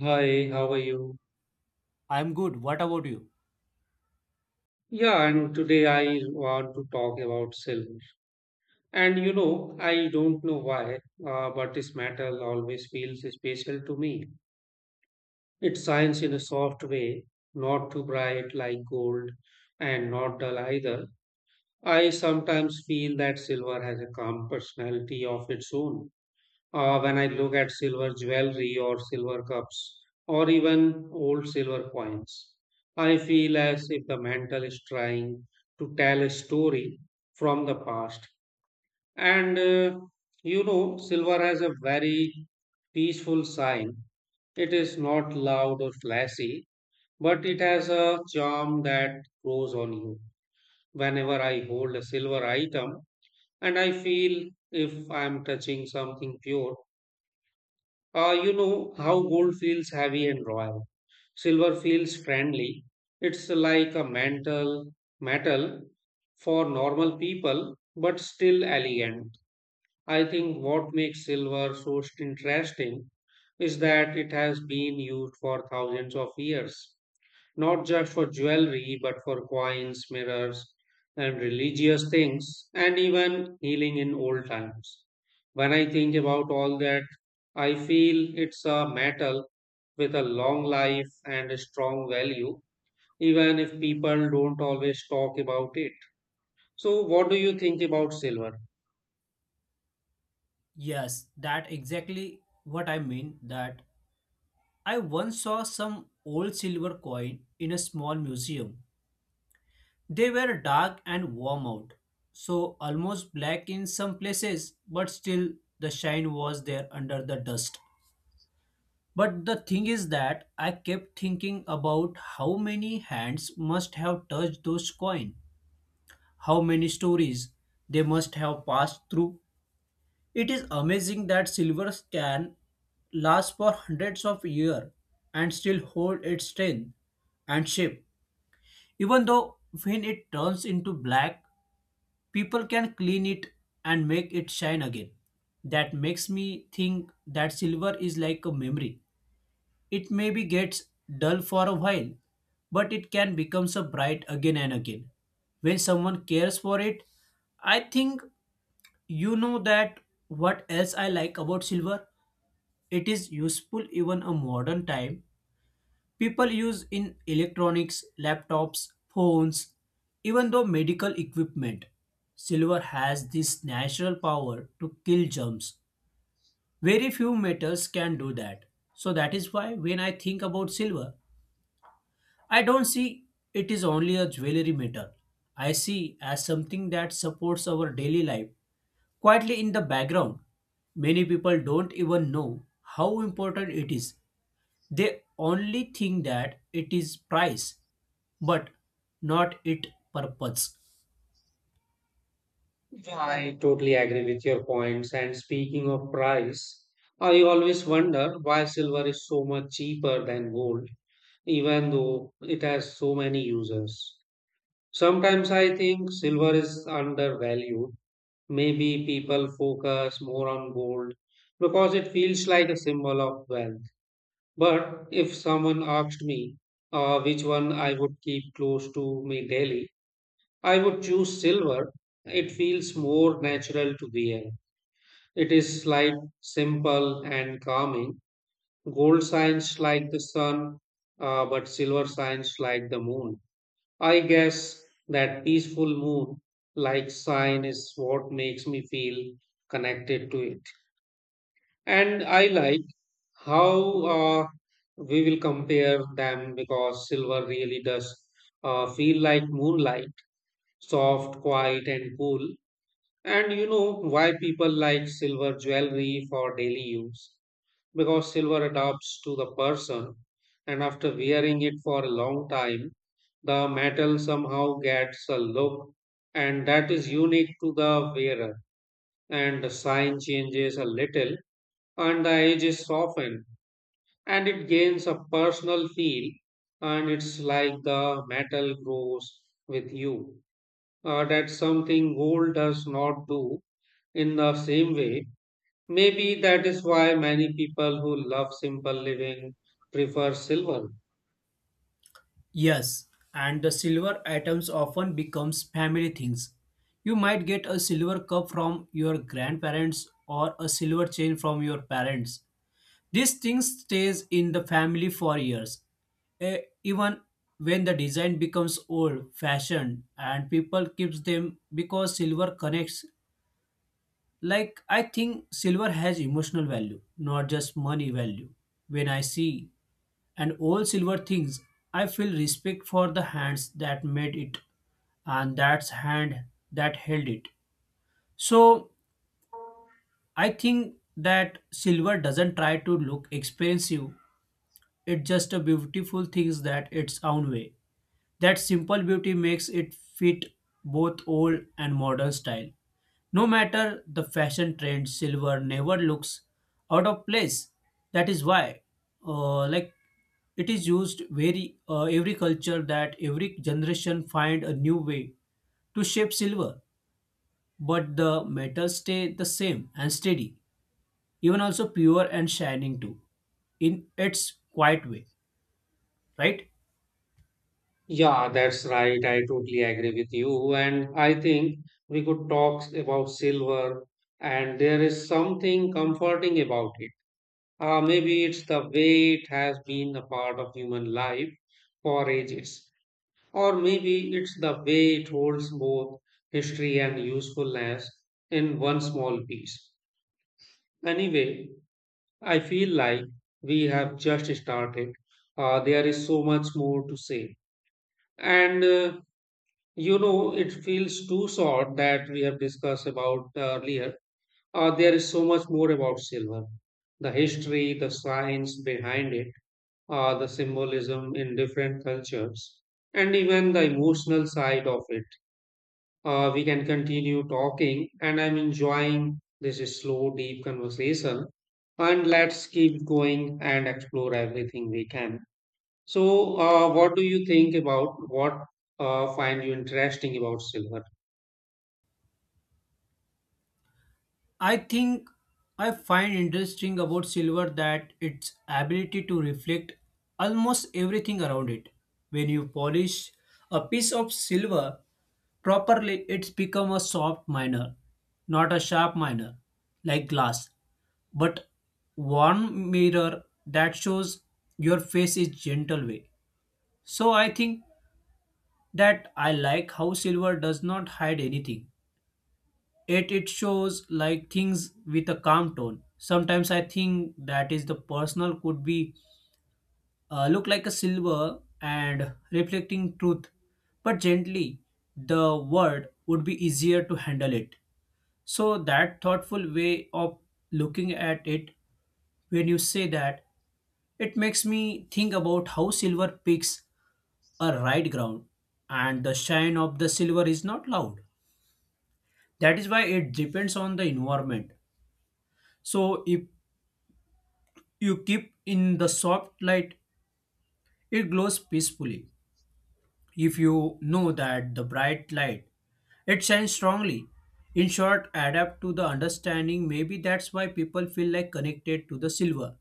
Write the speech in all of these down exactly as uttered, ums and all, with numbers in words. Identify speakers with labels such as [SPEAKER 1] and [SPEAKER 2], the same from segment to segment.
[SPEAKER 1] Hi, how are you?
[SPEAKER 2] I'm good. What about you?
[SPEAKER 1] Yeah, and today I want to talk about silver. And you know, I don't know why, uh, but this metal always feels special to me. It shines in a soft way, not too bright like gold, and not dull either. I sometimes feel that silver has a calm personality of its own. Uh, when I look at silver jewelry or silver cups or even old silver coins. I feel as if the mantle is trying to tell a story from the past. And uh, you know, silver has a very peaceful sign. It is not loud or flashy, but it has a charm that grows on you. Whenever I hold a silver item, and I feel if I am touching something pure. Uh, you know how gold feels heavy and royal. Silver feels friendly. It's like a mantle metal for normal people, but still elegant. I think what makes silver so interesting is that it has been used for thousands of years, not just for jewelry, but for coins, mirrors, and religious things, and even healing in old times. When I think about all that, I feel it's a metal with a long life and a strong value, even if people don't always talk about it. So, what do you think about silver?
[SPEAKER 2] Yes, that exactly what I mean that I once saw some old silver coin in a small museum. They were dark and warm out, so almost black in some places, but still the shine was there under the dust. But the thing is that I kept thinking about how many hands must have touched those coin, how many stories they must have passed through. It is amazing that silver can last for hundreds of years and still hold its strength and shape. Even though when it turns into black, people can clean it and make it shine again. That makes me think that silver is like a memory. It maybe gets dull for a while, but it can become so bright again and again. When someone cares for it, I think you know that what else I like about silver? It is useful even a modern time. People use in electronics, laptops, phones, even though medical equipment. Silver has this natural power to kill germs. Very few metals can do that. So that is why when I think about silver, I don't see it is only a jewelry metal. I see as something that supports our daily life quietly in the background. Many people don't even know how important it is. They only think that it is price, but not its purpose.
[SPEAKER 1] Yeah, I totally agree with your points. And speaking of price, I always wonder why silver is so much cheaper than gold even though it has so many uses. Sometimes I think silver is undervalued. Maybe people focus more on gold because it feels like a symbol of wealth. But if someone asked me uh, which one I would keep close to me daily, I would choose silver. It feels more natural to wear. It is light, simple, and calming. Gold shines like the sun, uh, but silver shines like the moon. I guess that peaceful mood, like sign, is what makes me feel connected to it. And I like how uh, we will compare them because silver really does uh, feel like moonlight, soft, quiet, and cool. And you know why people like silver jewelry for daily use? Because silver adapts to the person, and after wearing it for a long time, the metal somehow gets a look, and that is unique to the wearer, and the shine changes a little, and the edge is softened, and it gains a personal feel, and it's like the metal grows with you. Uh, that's something gold does not do in the same way. Maybe that is why many people who love simple living prefer silver.
[SPEAKER 2] Yes, and the silver items often becomes family things. You might get a silver cup from your grandparents or a silver chain from your parents. These things stays in the family for years. Eh, even when the design becomes old fashioned and people keeps them because silver connects. Like, I think silver has emotional value, not just money value. When I see an old silver things, I feel respect for the hands that made it and that's hand that held it. So I think that silver doesn't try to look expensive. It's just a beautiful things that its own way. That simple beauty makes it fit both old and modern style. No matter the fashion trend, silver never looks out of place. That is why, uh, like, it is used very uh, every culture that every generation find a new way to shape silver, but the metals stay the same and steady, even also pure and shining too, in its quiet way, right?
[SPEAKER 1] Yeah, that's right. I totally agree with you. And I think we could talk about silver, and there is something comforting about it. Uh, maybe it's the way it has been a part of human life for ages, or maybe it's the way it holds both history and usefulness in one small piece. Anyway, I feel like we have just started. Uh, there is so much more to say. And uh, you know, it feels too short that we have discussed about earlier. Uh, there is so much more about silver, the history, the science behind it, uh, the symbolism in different cultures, and even the emotional side of it. Uh, we can continue talking, and I'm enjoying this slow, deep conversation. And let's keep going and explore everything we can. So, uh, what do you think about what uh, find you interesting about silver?
[SPEAKER 2] I think I find interesting about silver that its ability to reflect almost everything around it. When you polish a piece of silver properly, it's become a soft miner, not a sharp miner like glass, but one mirror that shows your face is gentle way. So I think that I like how silver does not hide anything. It it shows like things with a calm tone. Sometimes I think that is the personal could be uh, look like a silver and reflecting truth, but gently the word would be easier to handle it. So that thoughtful way of looking at it when you say that it makes me think about how silver picks a right ground and the shine of the silver is not loud. That is why it depends on the environment. So if you keep in the soft light, it glows peacefully. If you know that the bright light, it shines strongly. In short, adapt to the understanding. Maybe that's why people feel like connected to the silver.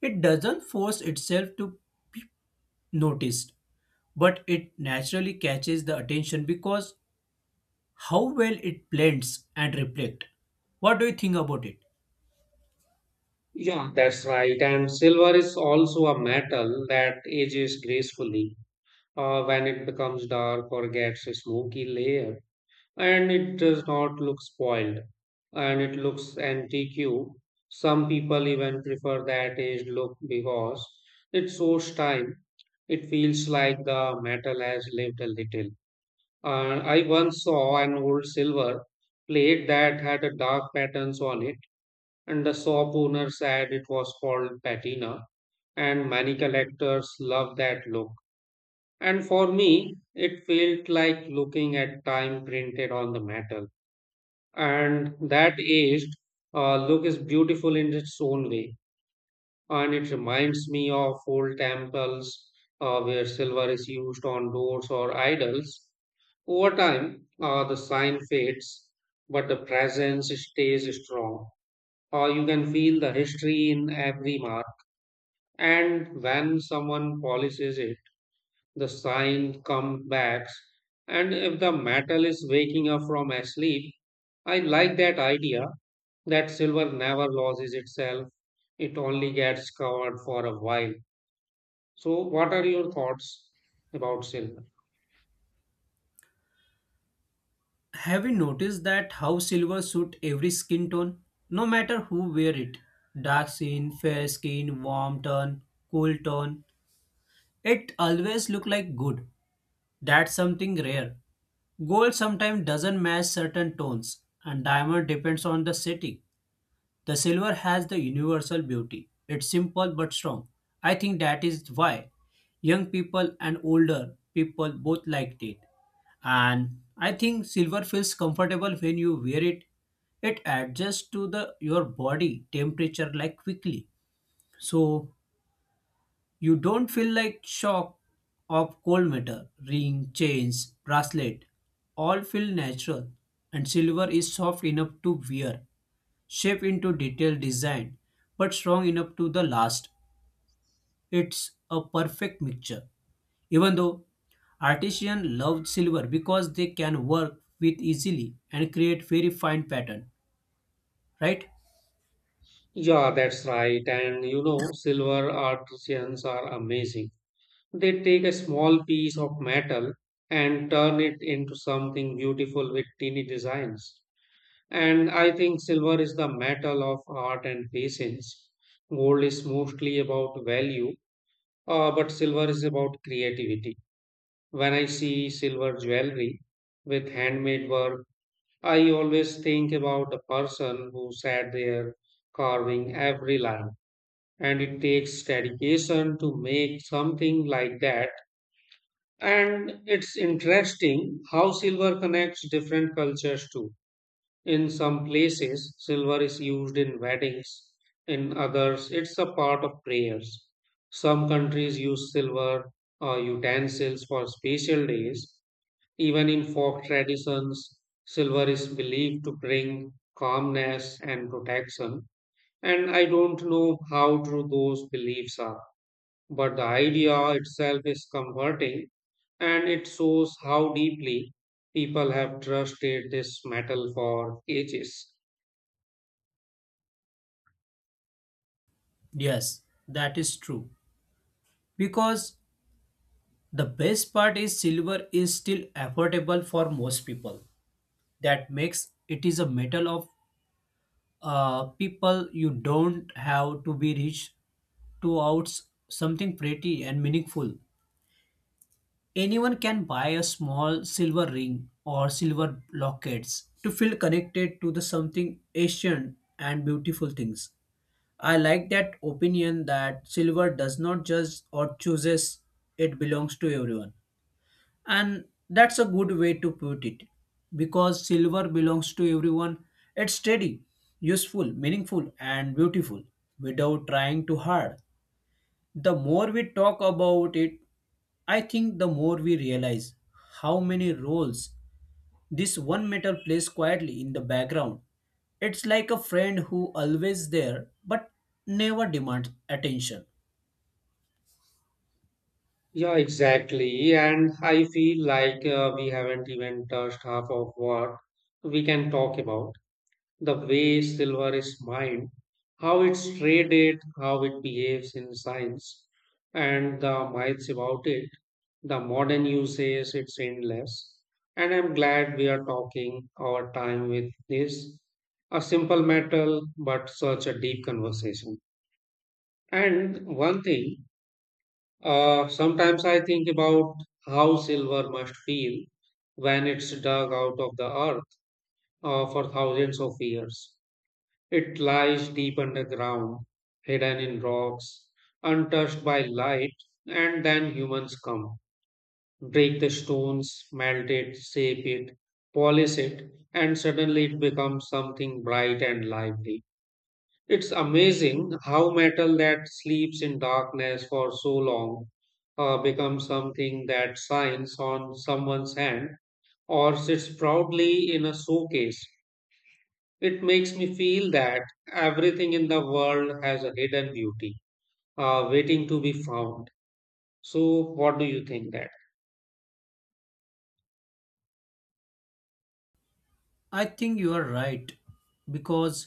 [SPEAKER 2] It doesn't force itself to be noticed, but it naturally catches the attention because how well it blends and reflects. What do you think about it?
[SPEAKER 1] Yeah, that's right. And silver is also a metal that ages gracefully. Uh, when it becomes dark or gets a smoky layer, and it does not look spoiled, and it looks antique. Some people even prefer that aged look because it shows time. It feels like the metal has lived a little. Uh, I once saw an old silver plate that had a dark patterns on it, and the shop owner said it was called patina, and many collectors love that look. And for me, it felt like looking at time printed on the metal, and that aged uh, look is beautiful in its own way, and it reminds me of old temples, uh, where silver is used on doors or idols. Over time, uh, the sign fades, but the presence stays strong. Uh, you can feel the history in every mark, and when someone polishes it, the sign comes back, and if the metal is waking up from a sleep. I like that idea, that silver never loses itself, it only gets covered for a while. So what are your thoughts about silver?
[SPEAKER 2] Have you noticed that how silver suits every skin tone, no matter who wear it? Dark skin, fair skin, warm tone, cool tone. It always look like good. That's something rare. Gold sometimes doesn't match certain tones, and diamond depends on the setting. The silver has the universal beauty. It's simple but strong. I think that is why young people and older people both liked it. And I think silver feels comfortable when you wear it. It adjusts to the your body temperature like quickly. So you don't feel like shock of cold metal, ring, chains, bracelet. All feel natural and silver is soft enough to wear. Shape into detailed design, but strong enough to the last. It's a perfect mixture. Even though artisans love silver because they can work with easily and create very fine pattern, right?
[SPEAKER 1] Yeah, that's right, and you know silver artisans are amazing. They take a small piece of metal and turn it into something beautiful with teeny designs. And I think silver is the metal of art and patience. Gold is mostly about value, uh, but silver is about creativity. When I see silver jewelry with handmade work, I always think about the person who sat there carving every line. And it takes dedication to make something like that. And it's interesting how silver connects different cultures too. In some places, silver is used in weddings, in others, it's a part of prayers. Some countries use silver uh, utensils for special days. Even in folk traditions, silver is believed to bring calmness and protection. And I don't know how true those beliefs are, but the idea itself is comforting, and it shows how deeply people have trusted this metal for ages.
[SPEAKER 2] Yes, that is true. Because the best part is silver is still affordable for most people. That makes it is a metal of uh, people you don't have to be rich to out something pretty and meaningful. Anyone can buy a small silver ring or silver lockets to feel connected to the something ancient and beautiful things. I like that opinion that silver does not judge or chooses, it belongs to everyone. And that's a good way to put it because silver belongs to everyone. It's steady, useful, meaningful, and beautiful without trying too hard. The more we talk about it, I think the more we realize how many roles this one metal plays quietly in the background, it's like a friend who always there but never demands attention.
[SPEAKER 1] Yeah, exactly. And I feel like uh, we haven't even touched half of what we can talk about. The way silver is mined, how it's traded, how it behaves in science, and the myths about it, the modern uses, it's endless. And I'm glad we are talking our time with this. A simple metal, but such a deep conversation. And one thing, uh, sometimes I think about how silver must feel when it's dug out of the earth. Uh, for thousands of years it lies deep underground, hidden in rocks, untouched by light, and then humans come, break the stones, melt it, shape it, polish it, and suddenly it becomes something bright and lively. It's amazing how metal that sleeps in darkness for so long uh, becomes something that shines on someone's hand or sits proudly in a showcase. It makes me feel that everything in the world has a hidden beauty uh, waiting to be found. So, what do you think that?
[SPEAKER 2] I think you are right because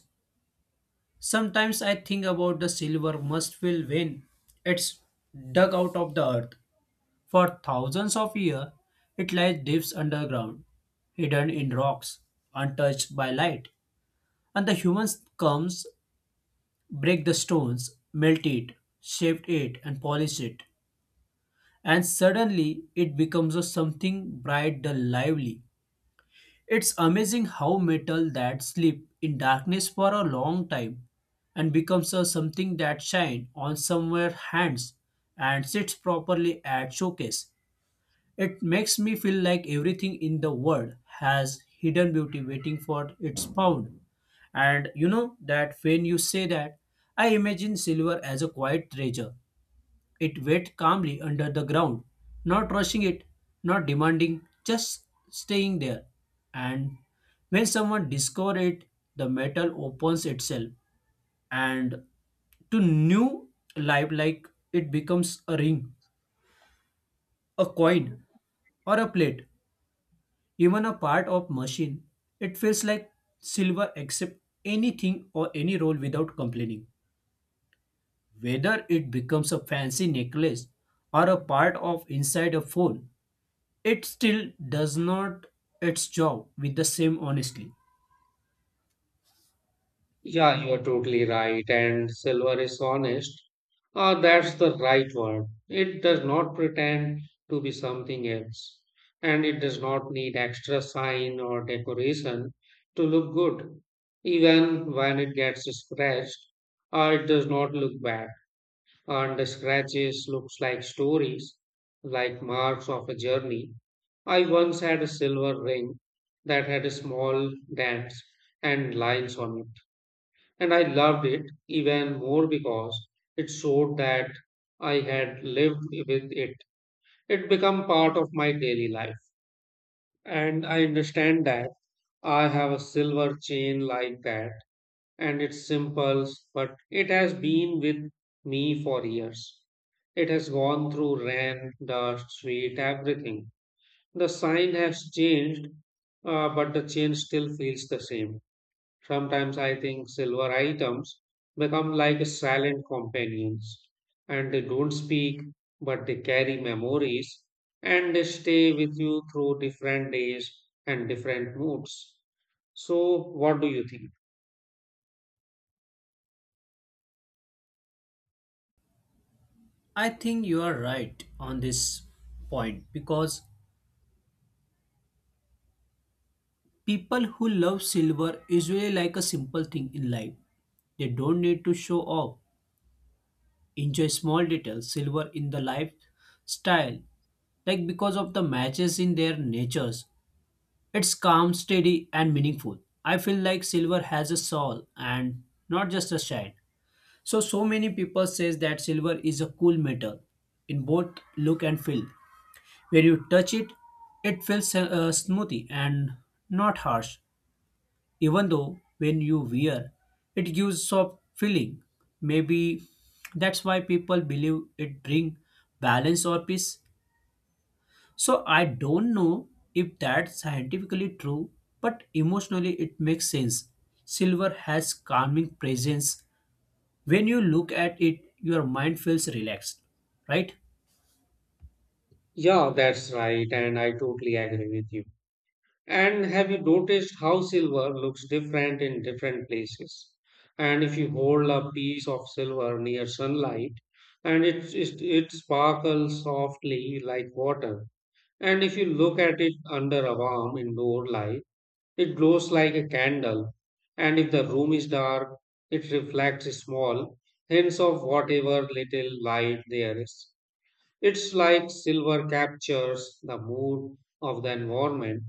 [SPEAKER 2] sometimes I think about the silver must feel when it's dug out of the earth. For thousands of years, it lies deep underground, hidden in rocks, untouched by light. And the humans comes break the stones, melt it, shape it, and polish it. And suddenly it becomes a something bright and lively. It's amazing how metal that sleep in darkness for a long time and becomes a something that shine on somewhere hands and sits properly at showcase. It makes me feel like everything in the world has hidden beauty waiting for its pound. And you know that when you say that, I imagine silver as a quiet treasure. It wait calmly under the ground, not rushing it, not demanding, just staying there. And when someone discovers it, the metal opens itself and to new life like it becomes a ring, a coin, or a plate, even a part of machine. It feels like silver accept anything or any role without complaining, whether it becomes a fancy necklace or a part of inside a phone. It still does not its job with the same honesty.
[SPEAKER 1] Yeah, you are totally right, and silver is honest. Uh, that's the right word. It does not pretend to be something else, and it does not need extra shine or decoration to look good. Even when it gets scratched, uh, it does not look bad. And the scratches looks like stories, like marks of a journey. I once had a silver ring that had small dents and lines on it, and I loved it even more because it showed that I had lived with it. It became part of my daily life, and I understand that I have a silver chain like that, and it's simple, but it has been with me for years. It has gone through rain, dust, sweet, everything. The sign has changed, uh, but the change still feels the same. Sometimes I think silver items become like silent companions, and they don't speak, but they carry memories, and they stay with you through different days and different moods. So, what do you think?
[SPEAKER 2] I think you are right on this point because people who love silver usually like a simple thing in life. They don't need to show off, enjoy small details silver in the lifestyle, like because of the matches in their natures. It's calm, steady, and meaningful. I feel like silver has a soul and not just a shine. So so many people says that silver is a cool metal in both look and feel. When you touch it, it feels uh, smoothy and not harsh. Even though when you wear it gives soft feeling. Maybe that's why people believe it bring balance or peace. So I don't know if that's scientifically true, but emotionally it makes sense. Silver has calming presence. When you look at it your mind feels relaxed, right?
[SPEAKER 1] Yeah, that's right, and I totally agree with you. And have you noticed how silver looks different in different places? And if you hold a piece of silver near sunlight, and it, it, it sparkles softly like water. And if you look at it under a warm indoor light, it glows like a candle. And if the room is dark, it reflects small hints of whatever little light there is. It's like silver captures the mood of the environment,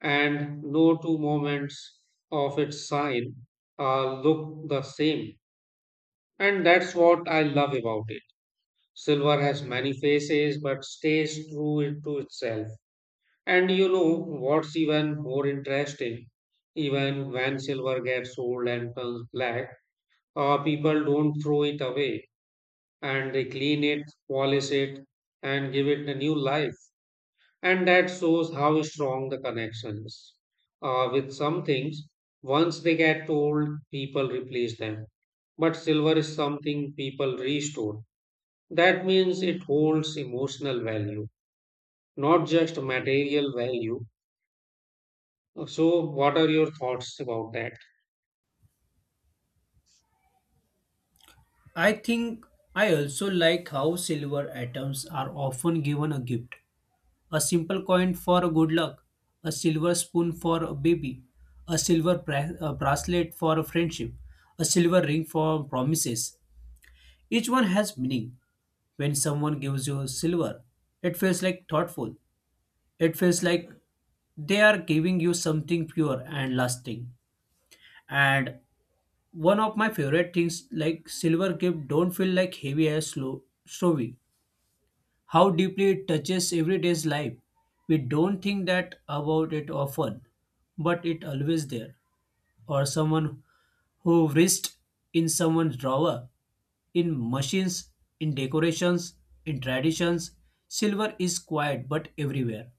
[SPEAKER 1] and no two moments of its sign uh, look the same. And that's what I love about it. Silver has many faces but stays true to itself. And you know what's even more interesting? Even when silver gets old and turns black, uh, people don't throw it away, and they clean it, polish it, and give it a new life. And that shows how strong the connections are with some things. Once they get old, people replace them. But silver is something people restore. That means it holds emotional value, not just material value. So, what are your thoughts about that?
[SPEAKER 2] I think I also like how silver atoms are often given a gift, a simple coin for good luck, a silver spoon for a baby, a silver bra- a bracelet for a friendship, a silver ring for promises. Each one has meaning. When someone gives you silver, it feels like thoughtful. It feels like they are giving you something pure and lasting. And one of my favorite things like silver gift don't feel like heavy as slow, showy. How deeply it touches everyday's life. We don't think that about it often, but it always there. Or someone who wrist in someone's drawer, in machines, in decorations, in traditions. Silver is quiet but everywhere.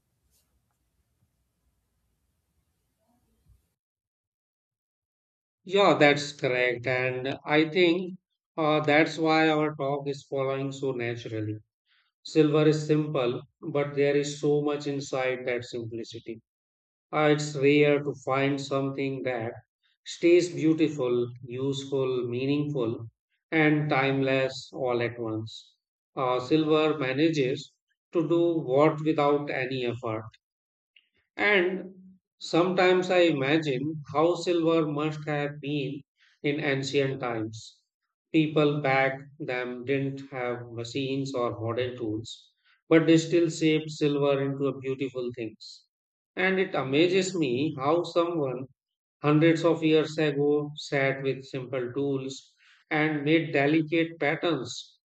[SPEAKER 1] Yeah, that's correct. And I think uh, that's why our talk is following so naturally. Silver is simple, but there is so much inside that simplicity. Uh, it's rare to find something that stays beautiful, useful, meaningful, and timeless all at once. Uh, silver manages to do what without any effort. And sometimes I imagine how silver must have been in ancient times. People back then didn't have machines or modern tools, but they still shaped silver into a beautiful things. And it amazes me how someone hundreds of years ago sat with simple tools and made delicate patterns,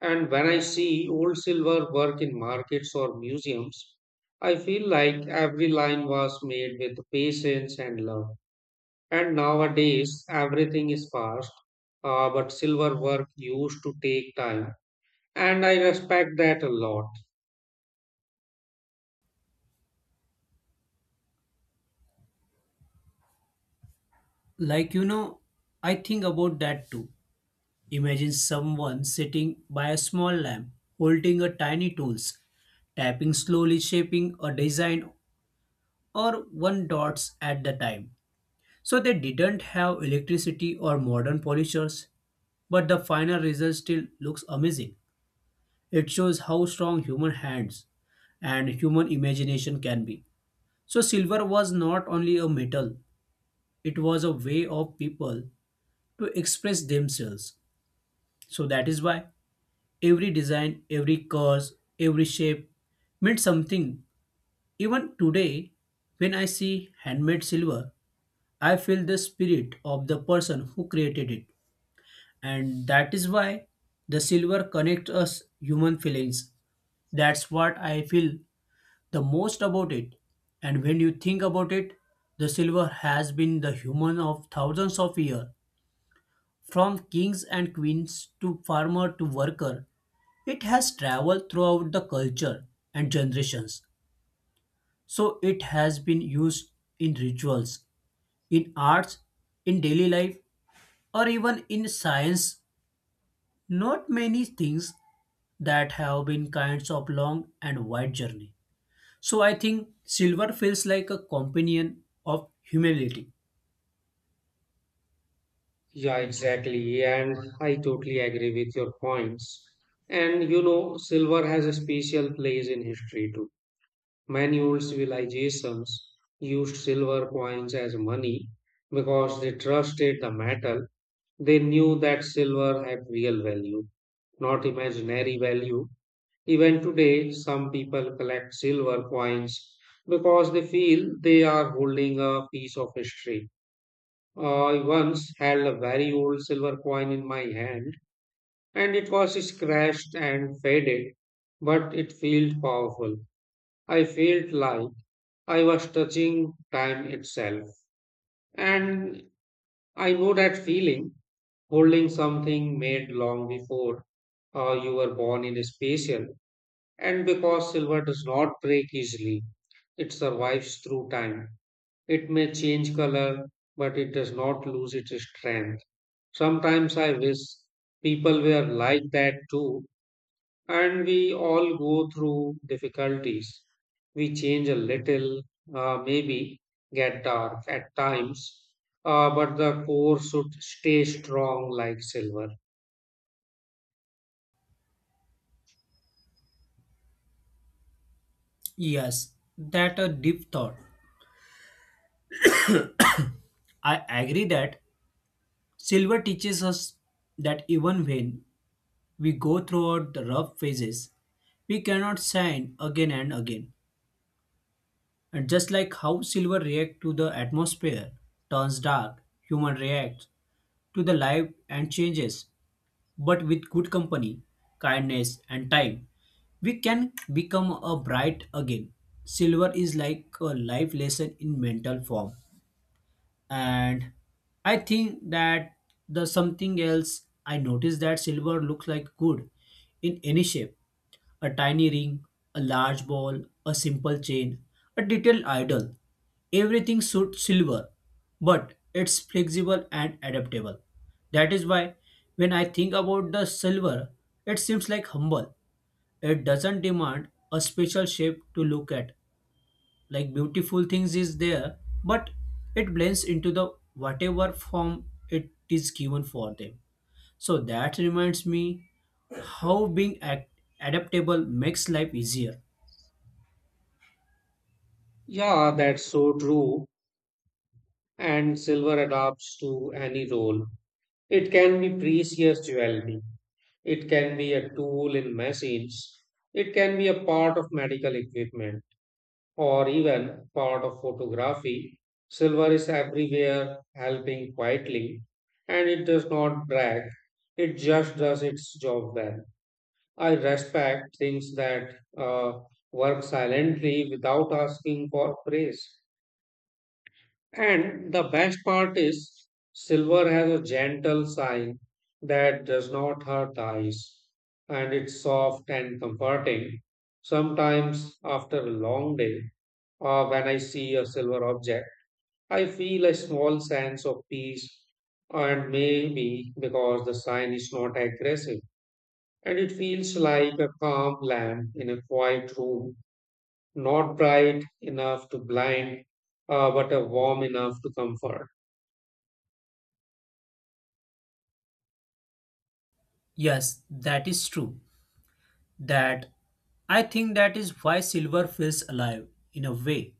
[SPEAKER 1] and when I see old silver work in markets or museums, I feel like every line was made with patience and love. And nowadays, everything is fast, uh, but silver work used to take time. And I respect that a lot.
[SPEAKER 2] Like you know, I think about that too. Imagine someone sitting by a small lamp, holding a tiny tools, tapping slowly, shaping a design or one dots at the time. So they didn't have electricity or modern polishers, but the final result still looks amazing. It shows how strong human hands and human imagination can be. So silver was not only a metal, it was a way of people to express themselves. So that is why every design, every curve, every shape meant something. Even today, when I see handmade silver, I feel the spirit of the person who created it. And that is why the silver connects us human feelings. That's what I feel the most about it. And when you think about it, the silver has been the human of thousands of years, from kings and queens to farmer to worker. It has traveled throughout the culture and generations. So it has been used in rituals, in arts, in daily life, or even in science. Not many things that have been kinds of long and wide journey. So I think silver feels like a companion of humility.
[SPEAKER 1] Yeah, exactly. And I totally agree with your points. And you know, silver has a special place in history too. Manual civilizations used silver coins as money because they trusted the metal. They knew that silver had real value, not imaginary value. Even today, some people collect silver coins because they feel they are holding a piece of history. I once held a very old silver coin in my hand, and it was scratched and faded, but it felt powerful. I felt like I was touching time itself. And I know that feeling, holding something made long before uh, you were born in a special. And because silver does not break easily, it survives through time. It may change color, but it does not lose its strength. Sometimes I wish people were like that too, and we all go through difficulties. We change a little, uh, maybe get dark at times, uh, but the core should stay strong like silver.
[SPEAKER 2] Yes, that a deep thought. I agree that silver teaches us that even when we go throughout the rough phases, we cannot shine again and again. And just like how silver reacts to the atmosphere, turns dark, human reacts to the light and changes. But with good company, kindness, and time, we can become a bright again. Silver is like a life lesson in mental form. And I think that the something else I noticed that silver looks like good in any shape, a tiny ring, a large ball, a simple chain, a detailed idol. Everything suits silver, but it's flexible and adaptable. That is why when I think about the silver, it seems like humble. It doesn't demand a special shape to look at. Like beautiful things is there, but it blends into the whatever form it is given for them. So that reminds me how being act- adaptable makes life easier.
[SPEAKER 1] Yeah, that's so true. And silver adapts to any role. It can be precious jewelry. It can be a tool in machines. It can be a part of medical equipment, or even part of photography. Silver is everywhere, helping quietly, and it does not brag, it just does its job well. I respect things that uh, work silently without asking for praise. And the best part is, silver has a gentle shine that does not hurt eyes, and it's soft and comforting. Sometimes after a long day, uh, when I see a silver object, I feel a small sense of peace, and maybe because the sign is not aggressive, and it feels like a calm lamp in a quiet room, not bright enough to blind, uh, but a warm enough to comfort.
[SPEAKER 2] Yes, that is true. That I think that is why silver feels alive in a way.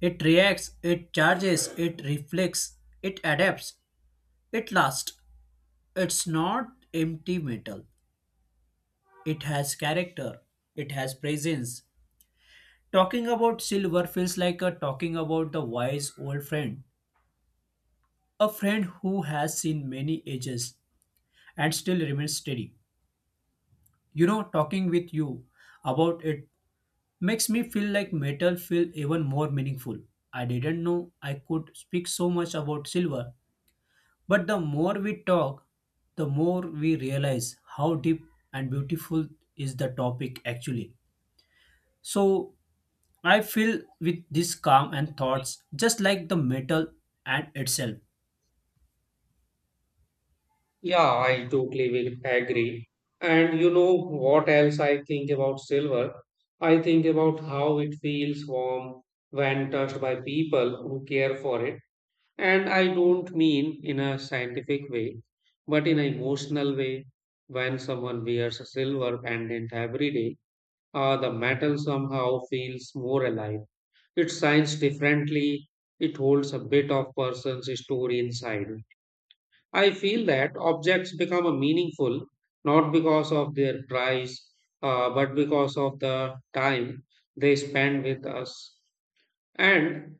[SPEAKER 2] It reacts, it charges, it reflects, it adapts, it lasts. It's not empty metal. It has character, it has presence. Talking about silver feels like a talking about the wise old friend, a friend who has seen many ages and still remains steady. You know, talking with you about it makes me feel like metal feel even more meaningful. I didn't know I could speak so much about silver, but the more we talk, the more we realize how deep and beautiful is the topic actually. So I feel with this calm and thoughts just like the metal and itself.
[SPEAKER 1] Yeah, I totally will agree. And you know what else I think about silver? I think about how it feels warm when touched by people who care for it. And I don't mean in a scientific way, but in an emotional way. When someone wears a silver pendant every day, uh, the metal somehow feels more alive. It shines differently. It holds a bit of person's story inside. I feel that objects become a meaningful not because of their price, uh, but because of the time they spend with us. And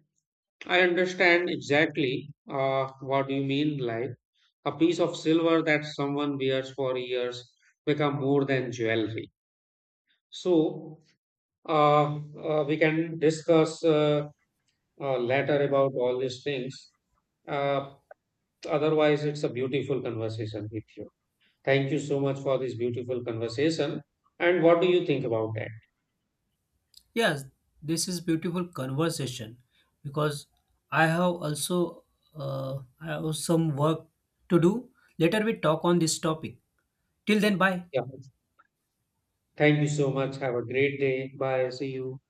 [SPEAKER 1] I understand exactly uh, what you mean. Like a piece of silver that someone wears for years become more than jewelry. So uh, uh, we can discuss uh, uh, later about all these things. Uh, otherwise, it's a beautiful conversation with you. Thank you so much for this beautiful conversation. And what do you think about that?
[SPEAKER 2] Yes, this is beautiful conversation because I have also uh, I have some work to do. Later we talk on this topic. Till then, bye.
[SPEAKER 1] Yeah. Thank you so much. Have a great day. Bye. See you.